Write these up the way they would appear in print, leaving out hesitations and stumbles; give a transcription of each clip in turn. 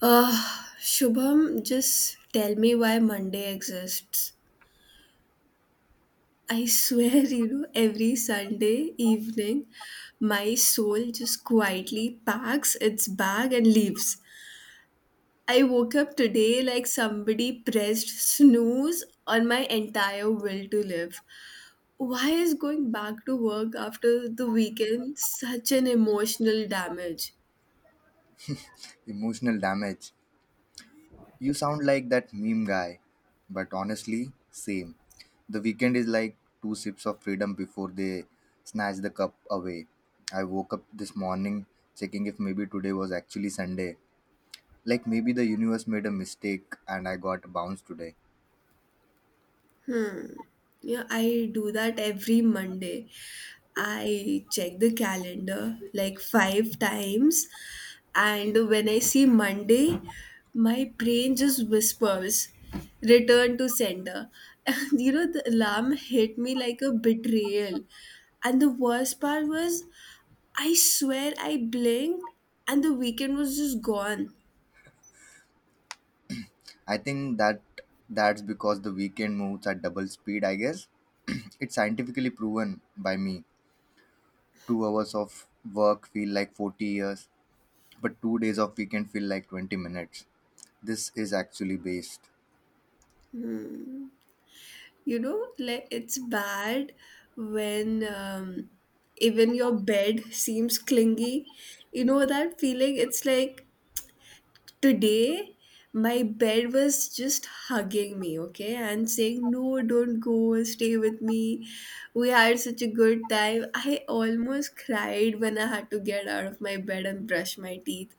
Shubham, just tell me why Monday exists. I swear, every Sunday evening, my soul just quietly packs its bag and leaves. I woke up today like somebody pressed snooze on my entire will to live. Why is going back to work after the weekend such an emotional damage? Emotional damage. You sound like that meme guy, but honestly, same. The weekend is like two sips of freedom before they snatch the cup away. I woke up this morning checking if maybe today was actually Sunday. Like maybe the universe made a mistake and I got bounced today. Hmm. Yeah, I do that every Monday. I check the calendar like five times, and when I see Monday, my brain just whispers, "Return to sender." The alarm hit me like a betrayal. And the worst part was, I swear I blinked, and the weekend was just gone. I think that's because the weekend moves at double speed, I guess. It's scientifically proven by me. 2 hours of work feel like 40 years. But 2 days of weekend feel like 20 minutes. This is actually based. Hmm. You know like it's bad when even your bed seems clingy. You know that feeling? It's like today my bed was just hugging me, okay, and saying, "No, don't go, stay with me, we had such a good time." I almost cried when I had to get out of my bed and brush my teeth.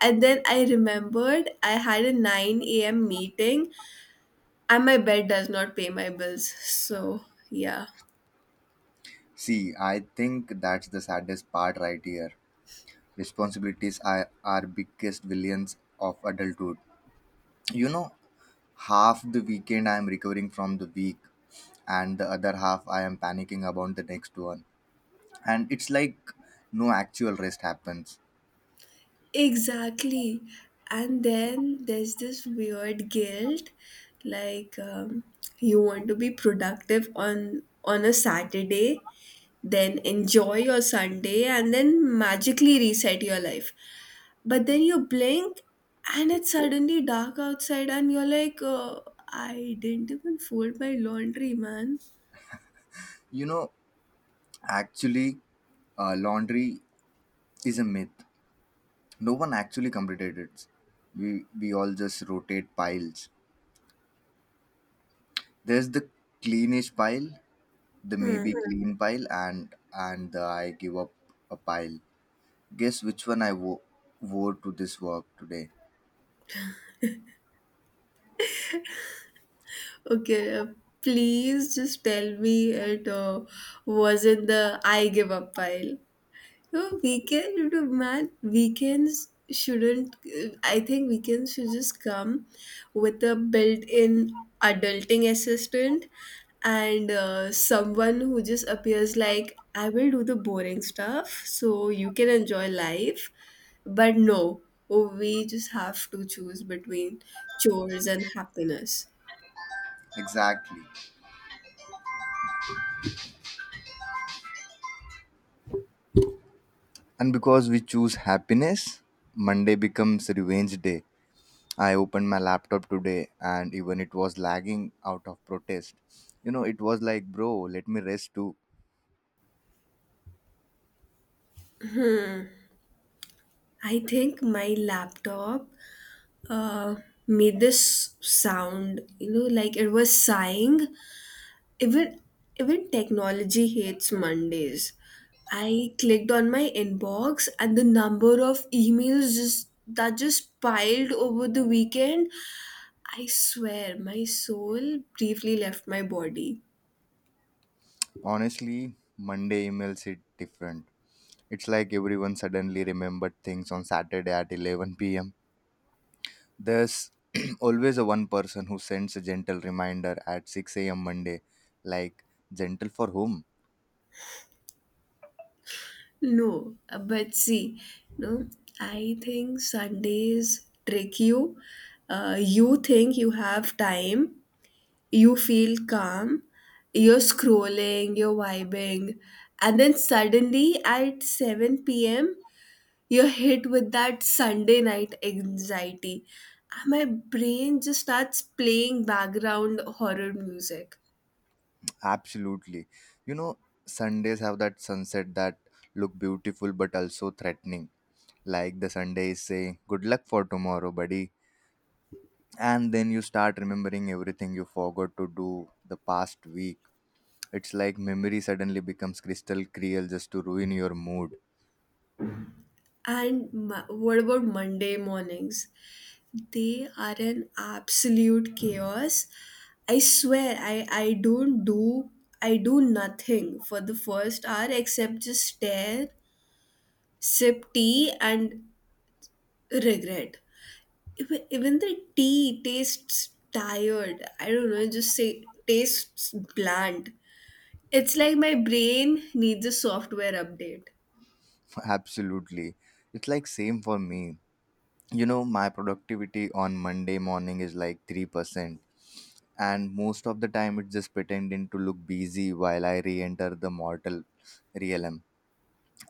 And then I remembered I had a 9 a.m meeting, and my bed does not pay my bills, so yeah. See, I think that's the saddest part right here. Responsibilities are our biggest villains of adulthood. You know, half the weekend I am recovering from the week, and the other half I am panicking about the next one. And it's like no actual rest happens. Exactly. And then there's this weird guilt, like, you want to be productive on a Saturday, then enjoy your Sunday and then magically reset your life. But then you blink and it's suddenly dark outside and you're like, I didn't even fold my laundry, man. You know, actually, laundry is a myth. No one actually completed it. We all just rotate piles. There's the cleanish pile, the maybe Hmm. clean pile, and the I give up a pile. Guess which one I wore to this work today? Okay, please just tell me it was in the I give up pile. No, weekend, you know, man, weekends shouldn't, I think weekends should just come with a built in adulting assistant and, someone who just appears like, "I will do the boring stuff so you can enjoy life." But no, we just have to choose between chores and happiness. Exactly. And because we choose happiness, Monday becomes revenge day. I opened my laptop today, and even it was lagging out of protest. You know, it was like, bro, let me rest too. I think my laptop, uh, made this sound, you know, like it was sighing. Even even technology hates Mondays. I clicked on my inbox and the number of emails just, that just piled over the weekend. I swear my soul briefly left my body. Honestly, Monday emails hit different. It's like everyone suddenly remembered things on Saturday at 11 p.m. There's always a one person who sends a gentle reminder at 6 a.m. Monday. Like, gentle for whom? No, but see, no, I think Sundays trick you. You think you have time, you feel calm, you're scrolling, you're vibing, and then suddenly at 7 p.m., you're hit with that Sunday night anxiety. And my brain just starts playing background horror music. Absolutely. You know, Sundays have that sunset that look beautiful but also threatening. Like the Sunday is saying, good luck for tomorrow, buddy. And then you start remembering everything you forgot to do the past week. It's like memory suddenly becomes crystal clear just to ruin your mood. What about Monday mornings? They are an absolute chaos. I swear, I don't do, I do nothing for the first hour except just stare, sip tea, and regret. Even the tea tastes tired. I don't know, it just say tastes bland. It's like my brain needs a software update. Absolutely. It's like same for me. You know, my productivity on Monday morning is like 3%. And most of the time, it's just pretending to look busy while I re enter the mortal realm.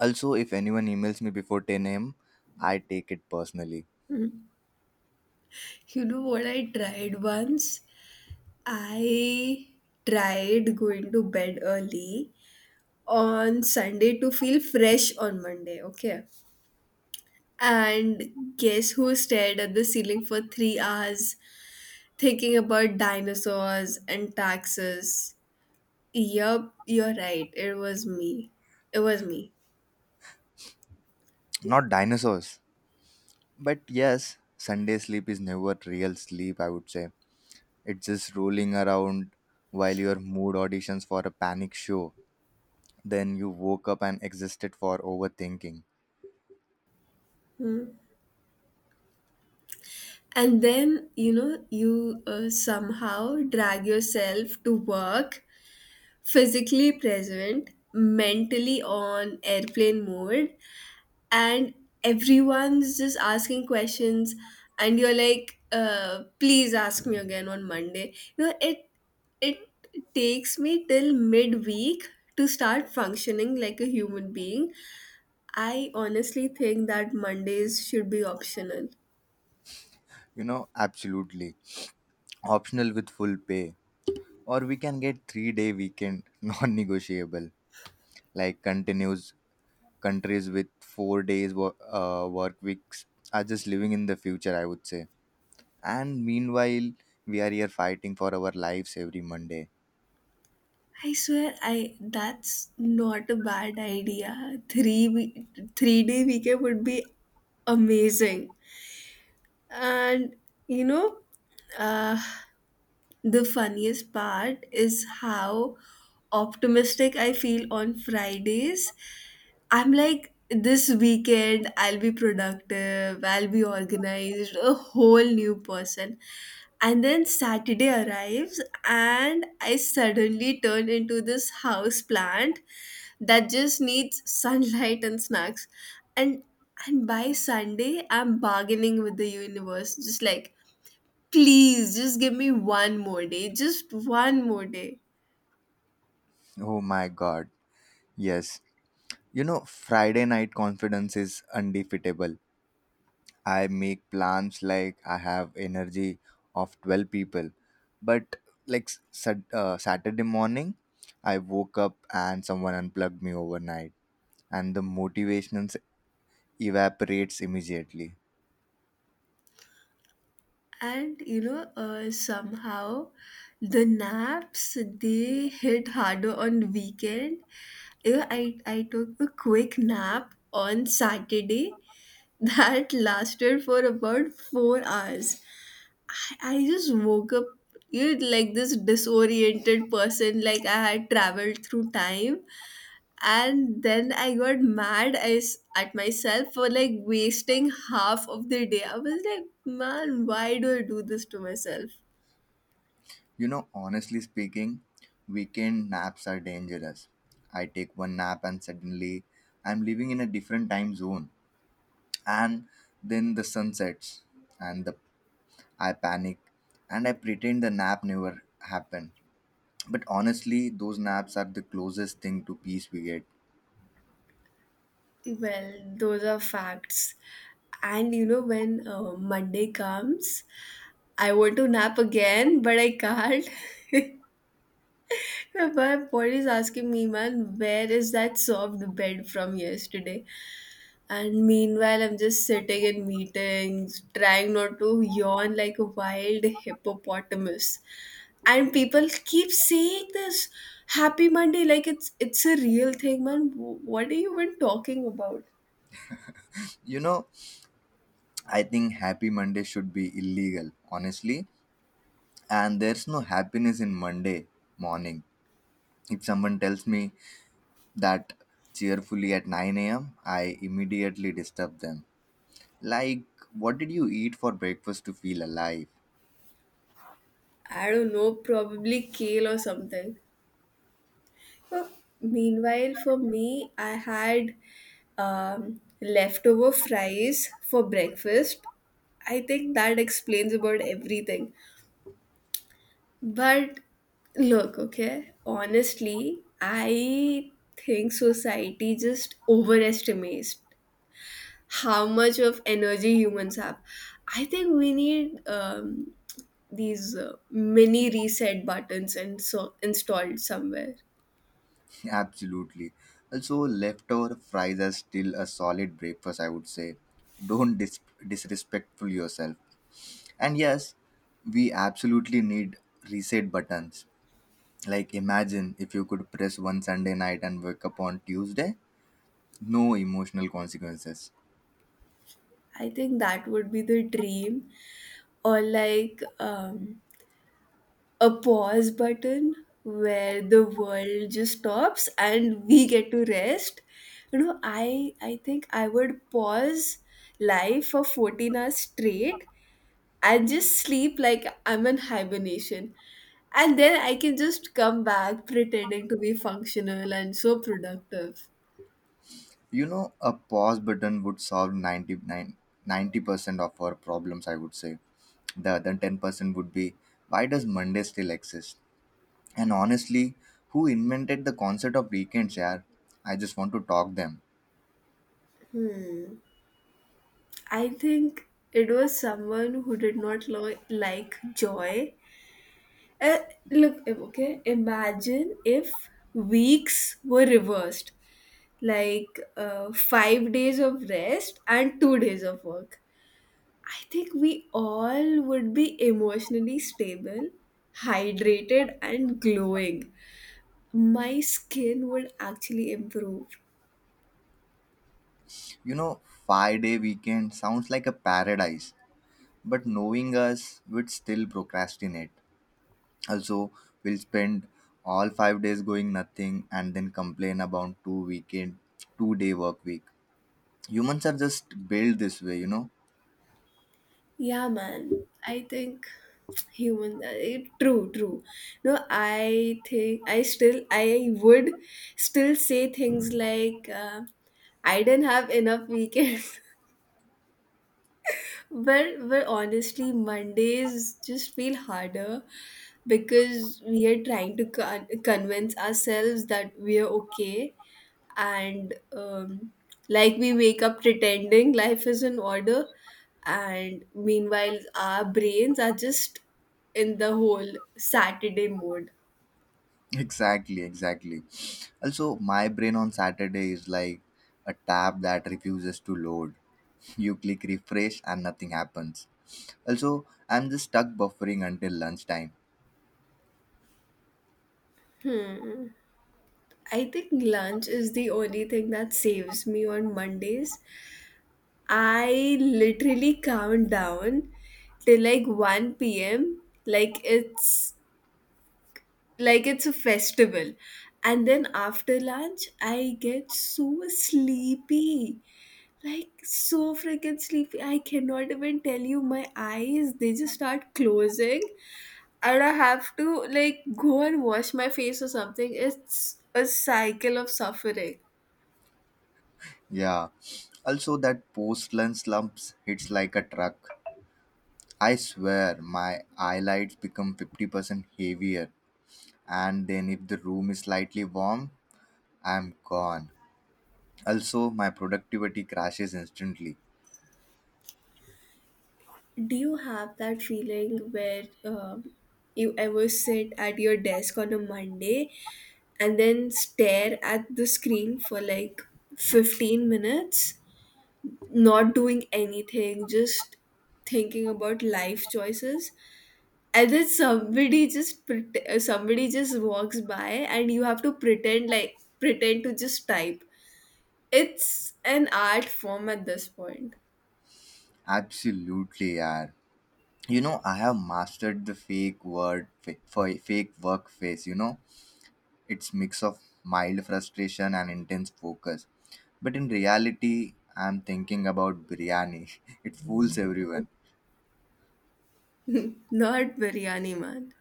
Also, if anyone emails me before 10 a.m., I take it personally. You know what I tried once? I tried going to bed early on Sunday to feel fresh on Monday, okay? And guess who stared at the ceiling for 3 hours thinking about dinosaurs and taxes? Yup, you're right. It was me. It was me. Not dinosaurs. But yes, Sunday sleep is never real sleep, I would say. It's just rolling around while your mood auditions for a panic show. Then you woke up and existed for overthinking. And then, you know, you, somehow drag yourself to work, physically present, mentally on airplane mode, and everyone's just asking questions, and you're like, please ask me again on Monday. You know, it takes me till midweek to start functioning like a human being. I honestly think that Mondays should be optional. You know, absolutely. Optional with full pay. Or we can get 3-day weekend, non negotiable. Like continues countries with 4 days work weeks are just living in the future, I would say. And meanwhile, we are here fighting for our lives every Monday. I swear, I that's not a bad idea. Three day weekend would be amazing. And you know, uh, the funniest part is how optimistic I feel on Fridays. I'm like, this weekend I'll be productive, I'll be organized, a whole new person. And then Saturday arrives, and I suddenly turn into this house plant that just needs sunlight and snacks. And and by Sunday, I'm bargaining with the universe, just like, please just give me one more day, just one more day. Oh my god. Yes, you know, Friday night confidence is undefeatable. I make plans like I have energy of 12 people. But like Saturday morning, I woke up and someone unplugged me overnight and the motivation evaporates immediately. And you know, somehow the naps, they hit harder on weekend. You know, I took a quick nap on Saturday that lasted for about 4 hours. i, just woke up, you know, like this disoriented person, like I had traveled through time. And then I got mad as at myself for like wasting half of the day. I was like, man, why do I do this to myself? You know, honestly speaking, weekend naps are dangerous. I take one nap and suddenly I'm living in a different time zone, and then the sun sets and the I panic and I pretend the nap never happened. But honestly, those naps are the closest thing to peace we get. Well, those are facts. And you know, when, Monday comes, I want to nap again, but I can't. My body is asking me, man, where is that soft bed from yesterday? And meanwhile, I'm just sitting in meetings, trying not to yawn like a wild hippopotamus. And people keep saying this happy Monday like it's a real thing, man. What are you even talking about? You know, I think Happy Monday should be illegal, honestly. And there's no happiness in Monday morning. If someone tells me that cheerfully at 9 a.m., I immediately disturb them. Like, what did you eat for breakfast to feel alive? I don't know, probably kale or something. So, meanwhile for me, I had leftover fries for breakfast. I think that explains about everything. But look, okay, honestly I think society just overestimates how much of energy humans have. I think we need, these, mini reset buttons and so installed somewhere. Absolutely. Also, leftover fries are still a solid breakfast, I would say. Don't disrespectful yourself. And yes, we absolutely need reset buttons. Like imagine if you could press one Sunday night and wake up on Tuesday, no emotional consequences. I think that would be the dream, or like, a pause button where the world just stops and we get to rest. You know, I think I would pause life for 14 hours straight. I just sleep like I'm in hibernation. And then I can just come back pretending to be functional and so productive. You know, a pause button would solve ninety nine ninety percent of our problems, I would say. The other 10% would be why does Monday still exist? And honestly, who invented the concept of weekends, yaar? I just want to talk them. Hmm. I think it was someone who did not like joy. Uh, imagine if weeks were reversed, like, 5 days of rest and 2 days of work. I think we all would be emotionally stable, hydrated, and glowing. My skin would actually improve. You know, 5-day weekend sounds like a paradise, but knowing us, we'd still procrastinate. Also, we'll spend all 5 days going nothing and then complain about two weekend, 2-day work week. Humans are just built this way, you know. Yeah, man. I think human. Eh, True, true. No, I think I would still say things like, I didn't have enough weekends. But honestly, Mondays just feel harder because we are trying to convince ourselves that we are okay, and, like we wake up pretending life is in order, and meanwhile our brains are just in the whole Saturday mode. Exactly, exactly. Also, my brain on Saturday is like a tab that refuses to load. You click refresh and nothing happens. Also, I'm just stuck buffering until lunchtime. I think lunch is the only thing that saves me on Mondays. I literally count down till like 1 p.m. like it's a festival. And then after lunch I get so sleepy. Like so freaking sleepy. I cannot even tell you, my eyes they just start closing, and I have to like go and wash my face or something. It's a cycle of suffering. Yeah. Also, that post lunch slumps hits like a truck. I swear, my eyelids become 50% heavier. And then, if the room is slightly warm, I'm gone. Also, my productivity crashes instantly. Do you have that feeling where, you ever sit at your desk on a Monday and then stare at the screen for like 15 minutes, not doing anything, just thinking about life choices? And then somebody just somebody just walks by and you have to pretend like pretend to just type. It's an art form at this point. Absolutely, yeah. You know, I have mastered the fake word for fake work face. It's mix of mild frustration and intense focus, but in reality, I'm thinking about biryani. It fools everyone. Not biryani, man.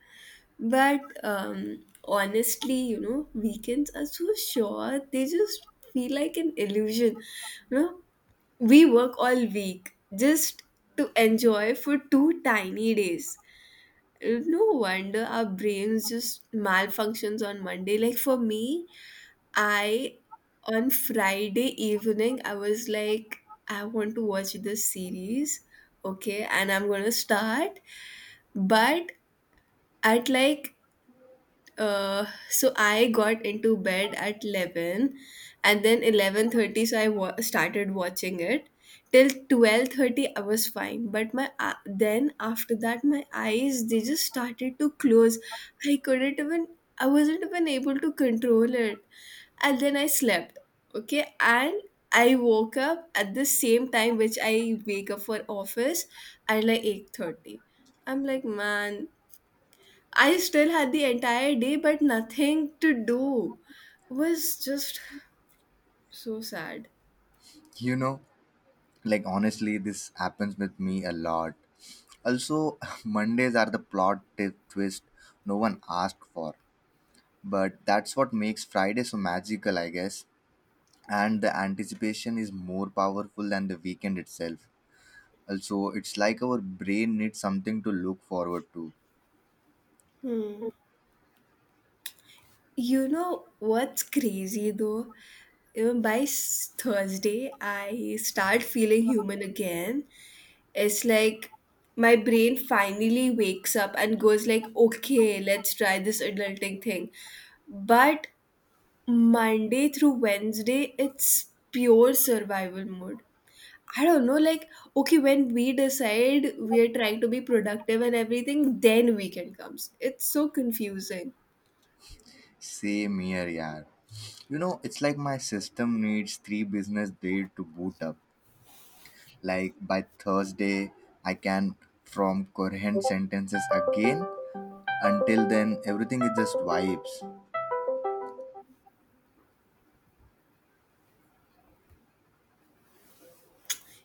But, honestly, you know, weekends are so short. They just feel like an illusion. You know, we work all week just to enjoy for two tiny days. No wonder our brains just malfunctions on Monday. Like for me, I on Friday evening I was like, I want to watch this series, okay, and I'm gonna start, but at like, so I got into bed at 11 and then 11:30 so I started watching it till 12:30. I was fine, but my, then after that my eyes, they just started to close. I couldn't even, I wasn't even able to control it. And then I slept, okay, and I woke up at the same time which I wake up for office, at like 8:30. I'm like, man, I still had the entire day, but nothing to do. Was just so sad. You know, like, honestly, this happens with me a lot. Also, Mondays are the plot tip twist no one asked for, but that's what makes Friday so magical, I guess. And the anticipation is more powerful than the weekend itself. Also, it's like our brain needs something to look forward to. Hmm. You know what's crazy though? Even by Thursday, I start feeling human again. It's like my brain finally wakes up and goes like, "Okay, let's try this adulting thing." But Monday through Wednesday, it's pure survival mode. I don't know, like, okay, when we decide we're trying to be productive and everything, then weekend comes. It's so confusing. Same here, yeah. You know, it's like my system needs 3 business days to boot up. Like by Thursday, I can form coherent sentences again. Until then, everything is just vibes.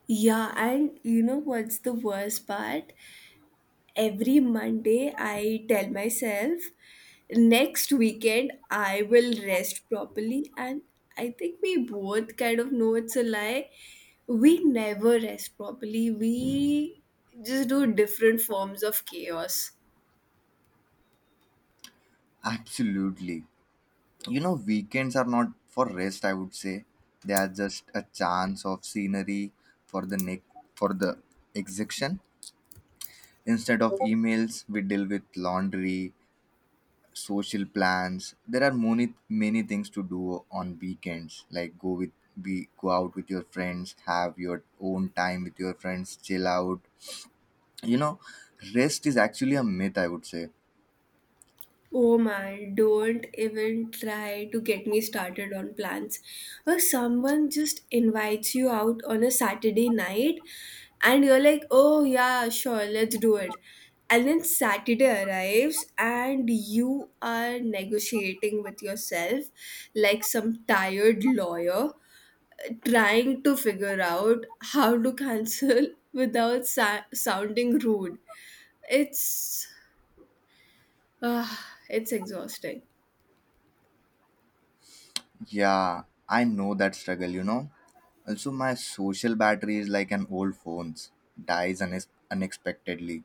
Yeah, and you know what's the worst part? Every Monday, I tell myself, next weekend, I will rest properly. And I think we both kind of know it's a lie. We never rest properly, we just do different forms of chaos. Absolutely. You know, weekends are not for rest, I would say. They are just a chance of scenery for the neck for the execution. Instead of emails, we deal with laundry, social plans. There are many many things to do on weekends, like go out with your friends, have your own time with your friends, chill out, you know. Rest is actually a myth, I would say. Oh man, don't even try to get me started on plans. Or someone just invites you out on a Saturday night and you're like, oh yeah, sure, let's do it. And then Saturday arrives and you are negotiating with yourself like some tired lawyer trying to figure out how to cancel without sounding rude. It's, ah, it's exhausting. Yeah, I know that struggle, you know. Also, my social battery is like an old phone's. Dies unexpectedly.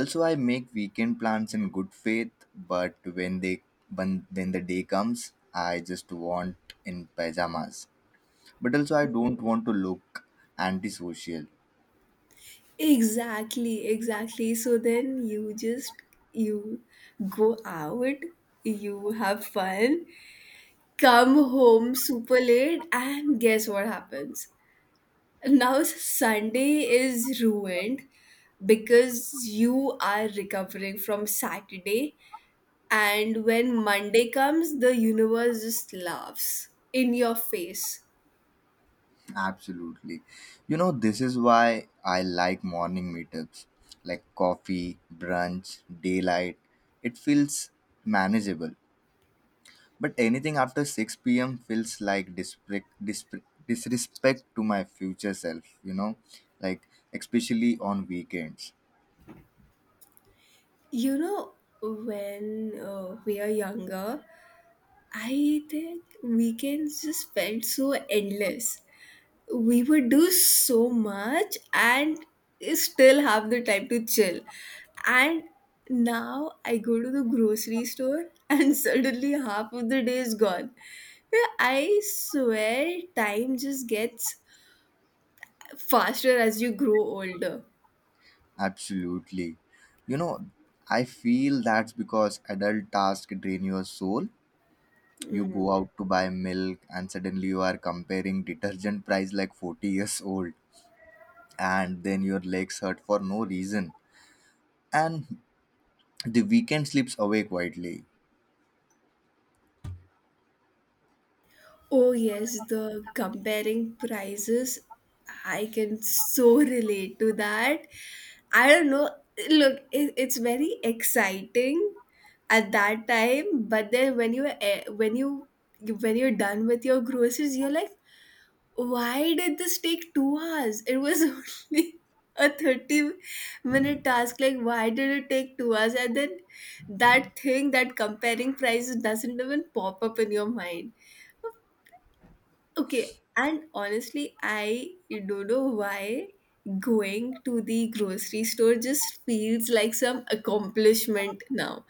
Also, I make weekend plans in good faith, but when the day comes I just want in pajamas. But also I don't want to look antisocial. Exactly, exactly. So then you just, you go out, you have fun, come home super late, and guess what happens? Now Sunday is ruined because you are recovering from Saturday, and when Monday comes, the universe just laughs in your face. Absolutely. You know, this is why I like morning meetups, like coffee, brunch, daylight. It feels manageable. But anything after 6 p.m. feels like disrespect to my future self, you know, like especially on weekends. You know, when, we are younger, I think weekends just felt so endless. We would do so much and still have the time to chill. And now I go to the grocery store and suddenly half of the day is gone. Yeah, I swear time just gets faster as you grow older. Absolutely. You know, I feel that's because adult tasks drain your soul. You go Mm. out to buy milk and suddenly you are comparing detergent price like 40 years old, and then your legs hurt for no reason, and the weekend slips away quietly. Oh, yes, the comparing prices. I can so relate to that. I don't know. Look, it's very exciting at that time, but then when when you when you're done with your groceries, you're like, why did this take 2 hours? It was only a 30-minute task. Like, why did it take 2 hours? And then that thing, that comparing prices doesn't even pop up in your mind. Okay, and honestly, I don't know why going to the grocery store just feels like some accomplishment now.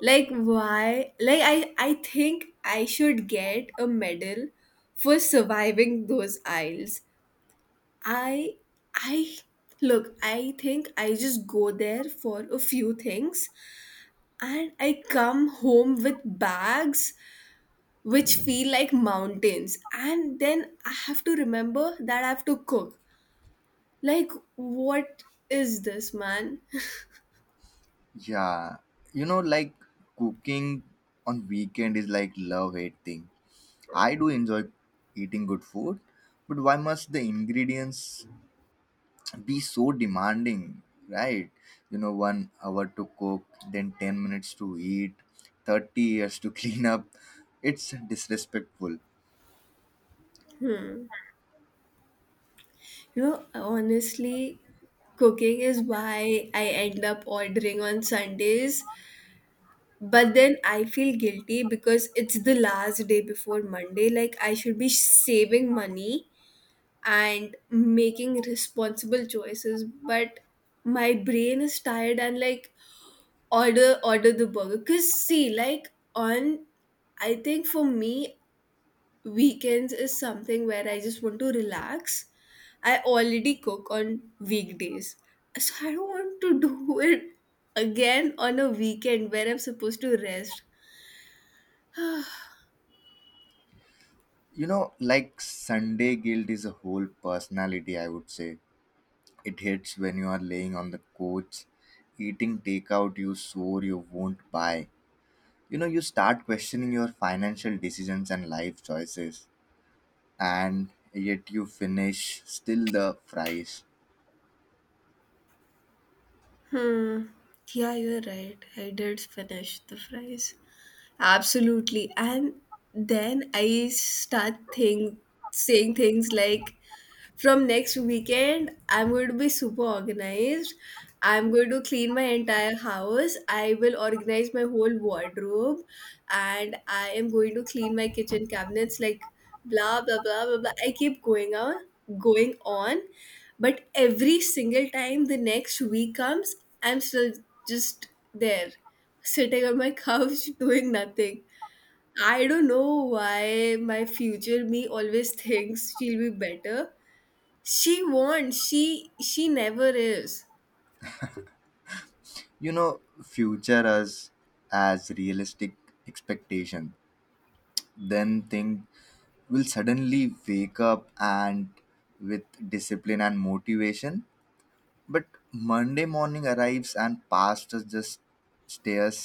Like why? Like I think I should get a medal for surviving those aisles. I I Look, I think I just go there for a few things and I come home with bags which feel like mountains, and then I have to remember that I have to cook. Like what is this, man? Yeah, you know, like cooking on weekend is like love hate thing. I do enjoy eating good food, but why must the ingredients be so demanding, right? You know, 1 hour to cook, then 10 minutes to eat, 30 years to clean up. It's disrespectful. You know, honestly, cooking is why I end up ordering on Sundays, but then I feel guilty because it's the last day before Monday. Like, I should be saving money and making responsible choices, but my brain is tired and like, order the burger. Because see, like on, I think for me, weekends is something where I just want to relax. I already cook on weekdays, so I don't want to do it again on a weekend where I'm supposed to rest. You know, like, Sunday guilt is a whole personality, I would say. It hits when you are laying on the couch eating takeout you swore you won't buy. You start questioning your financial decisions and life choices, and yet you finish still the fries. Hmm. Yeah, you're right, I did finish the fries. Absolutely. And then I start think saying things like, from next weekend I'm going to be super organized. I'm going to clean my entire house. I will organize my whole wardrobe and I am going to clean my kitchen cabinets, like blah blah blah blah blah. I keep going on going on. But every single time the next week comes, I'm still just there sitting on my couch doing nothing. I don't know why my future me always thinks she'll be better. She won't. She never is. You know, future us as realistic expectation, then thing will suddenly wake up and with discipline and motivation, but Monday morning arrives and past us just stares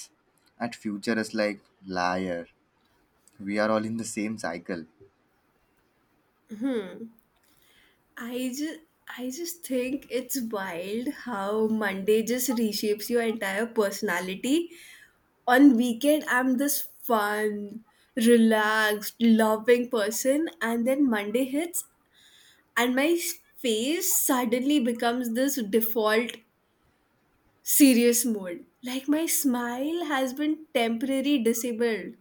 at future as like liar. We are all in the same cycle. I just I just think it's wild how Monday just reshapes your entire personality. On weekend I'm this fun, relaxed, loving person, and then Monday hits and my face suddenly becomes this default serious mode. Like my smile has been temporarily disabled.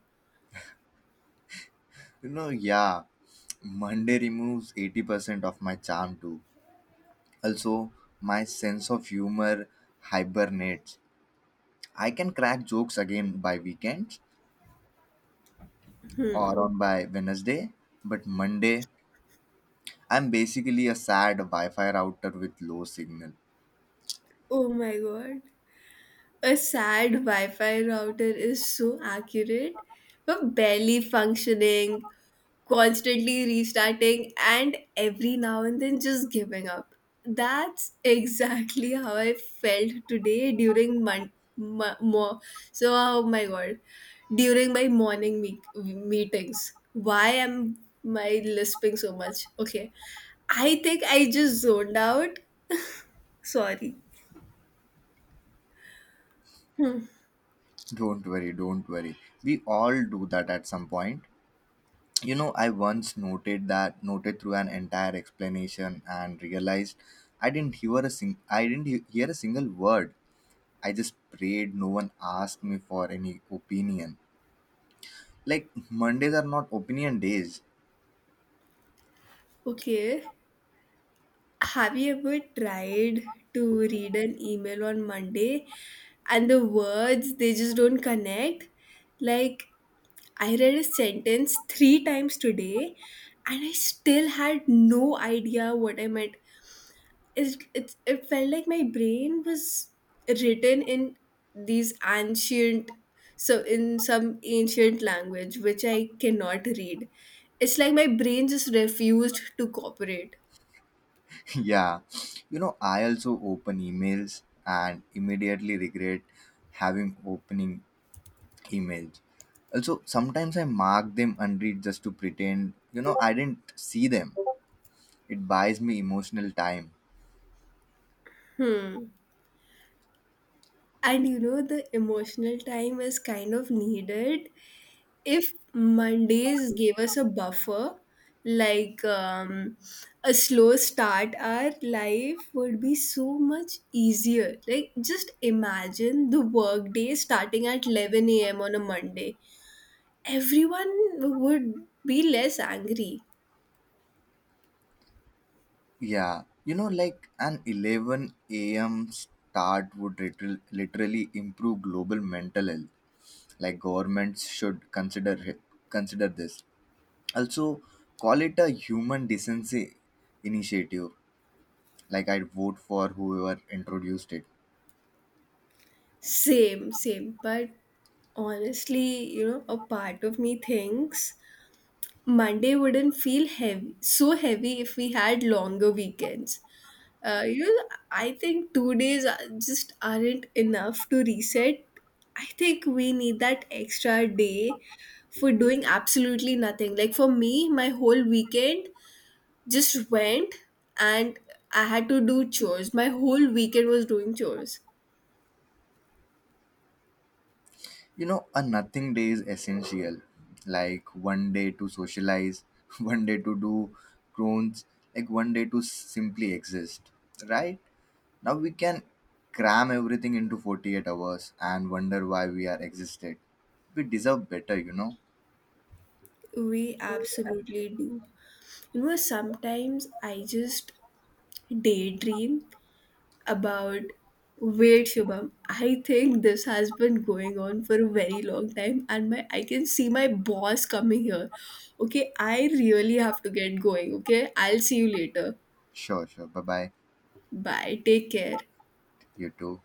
You know, yeah, Monday removes 80% of my charm too. Also my sense of humor hibernates. I can crack jokes again by weekends, or on by Wednesday, but Monday I'm basically a sad Wi-Fi router with low signal. Oh my god. A sad Wi Fi router is so accurate, but barely functioning, constantly restarting, and every now and then just giving up. That's exactly how I felt today during so oh my god, during my morning meetings. Why am I lisping so much? Okay, I think I just zoned out. Sorry. Hmm. Don't worry, don't worry. We all do that at some point. You know, I once noted that noted through an entire explanation and realized I didn't hear a sing I didn't he- hear a single word. I just prayed no one asked me for any opinion. Like Mondays are not opinion days. Okay. Have you ever tried to read an email on Monday and the words, they just don't connect? Like, I read a sentence three times today and I still had no idea what I meant. It felt like my brain was written in these ancient, so in some ancient language which I cannot read. It's like my brain just refused to cooperate. Yeah, you know, I also open emails and immediately regret having opening emails. Also, sometimes I mark them unread just to pretend, I didn't see them. It buys me emotional time. Hmm. And you know, the emotional time is kind of needed. If Mondays gave us a buffer, like a slow start, our life would be so much easier. Like, just imagine the workday starting at 11 a.m. on a Monday. Everyone would be less angry. Yeah, you know, like an 11 a.m. start would literally improve global mental health. Like governments should consider consider this. Also, call it a human decency initiative. Like, I'd vote for whoever introduced it. Same, same. But honestly, you know, a part of me thinks Monday wouldn't feel heavy, so heavy, if we had longer weekends. You know, I think just aren't enough to reset. I think we need that extra day for doing absolutely nothing. Like for me, my whole weekend just went and I had to do chores. My whole weekend was doing chores. You know, a nothing day is essential, like one day to socialize, one day to do crones, like one day to simply exist. Right now we can cram everything into 48 hours and wonder why we are existed. We deserve better, you know. We absolutely do. You know, sometimes I just daydream about, wait, Shubham, I think this has been going on for a very long time and my I can see my boss coming here. Okay, I really have to get going. Okay, I'll see you later. Sure, sure. Bye bye. Bye, take care. You too.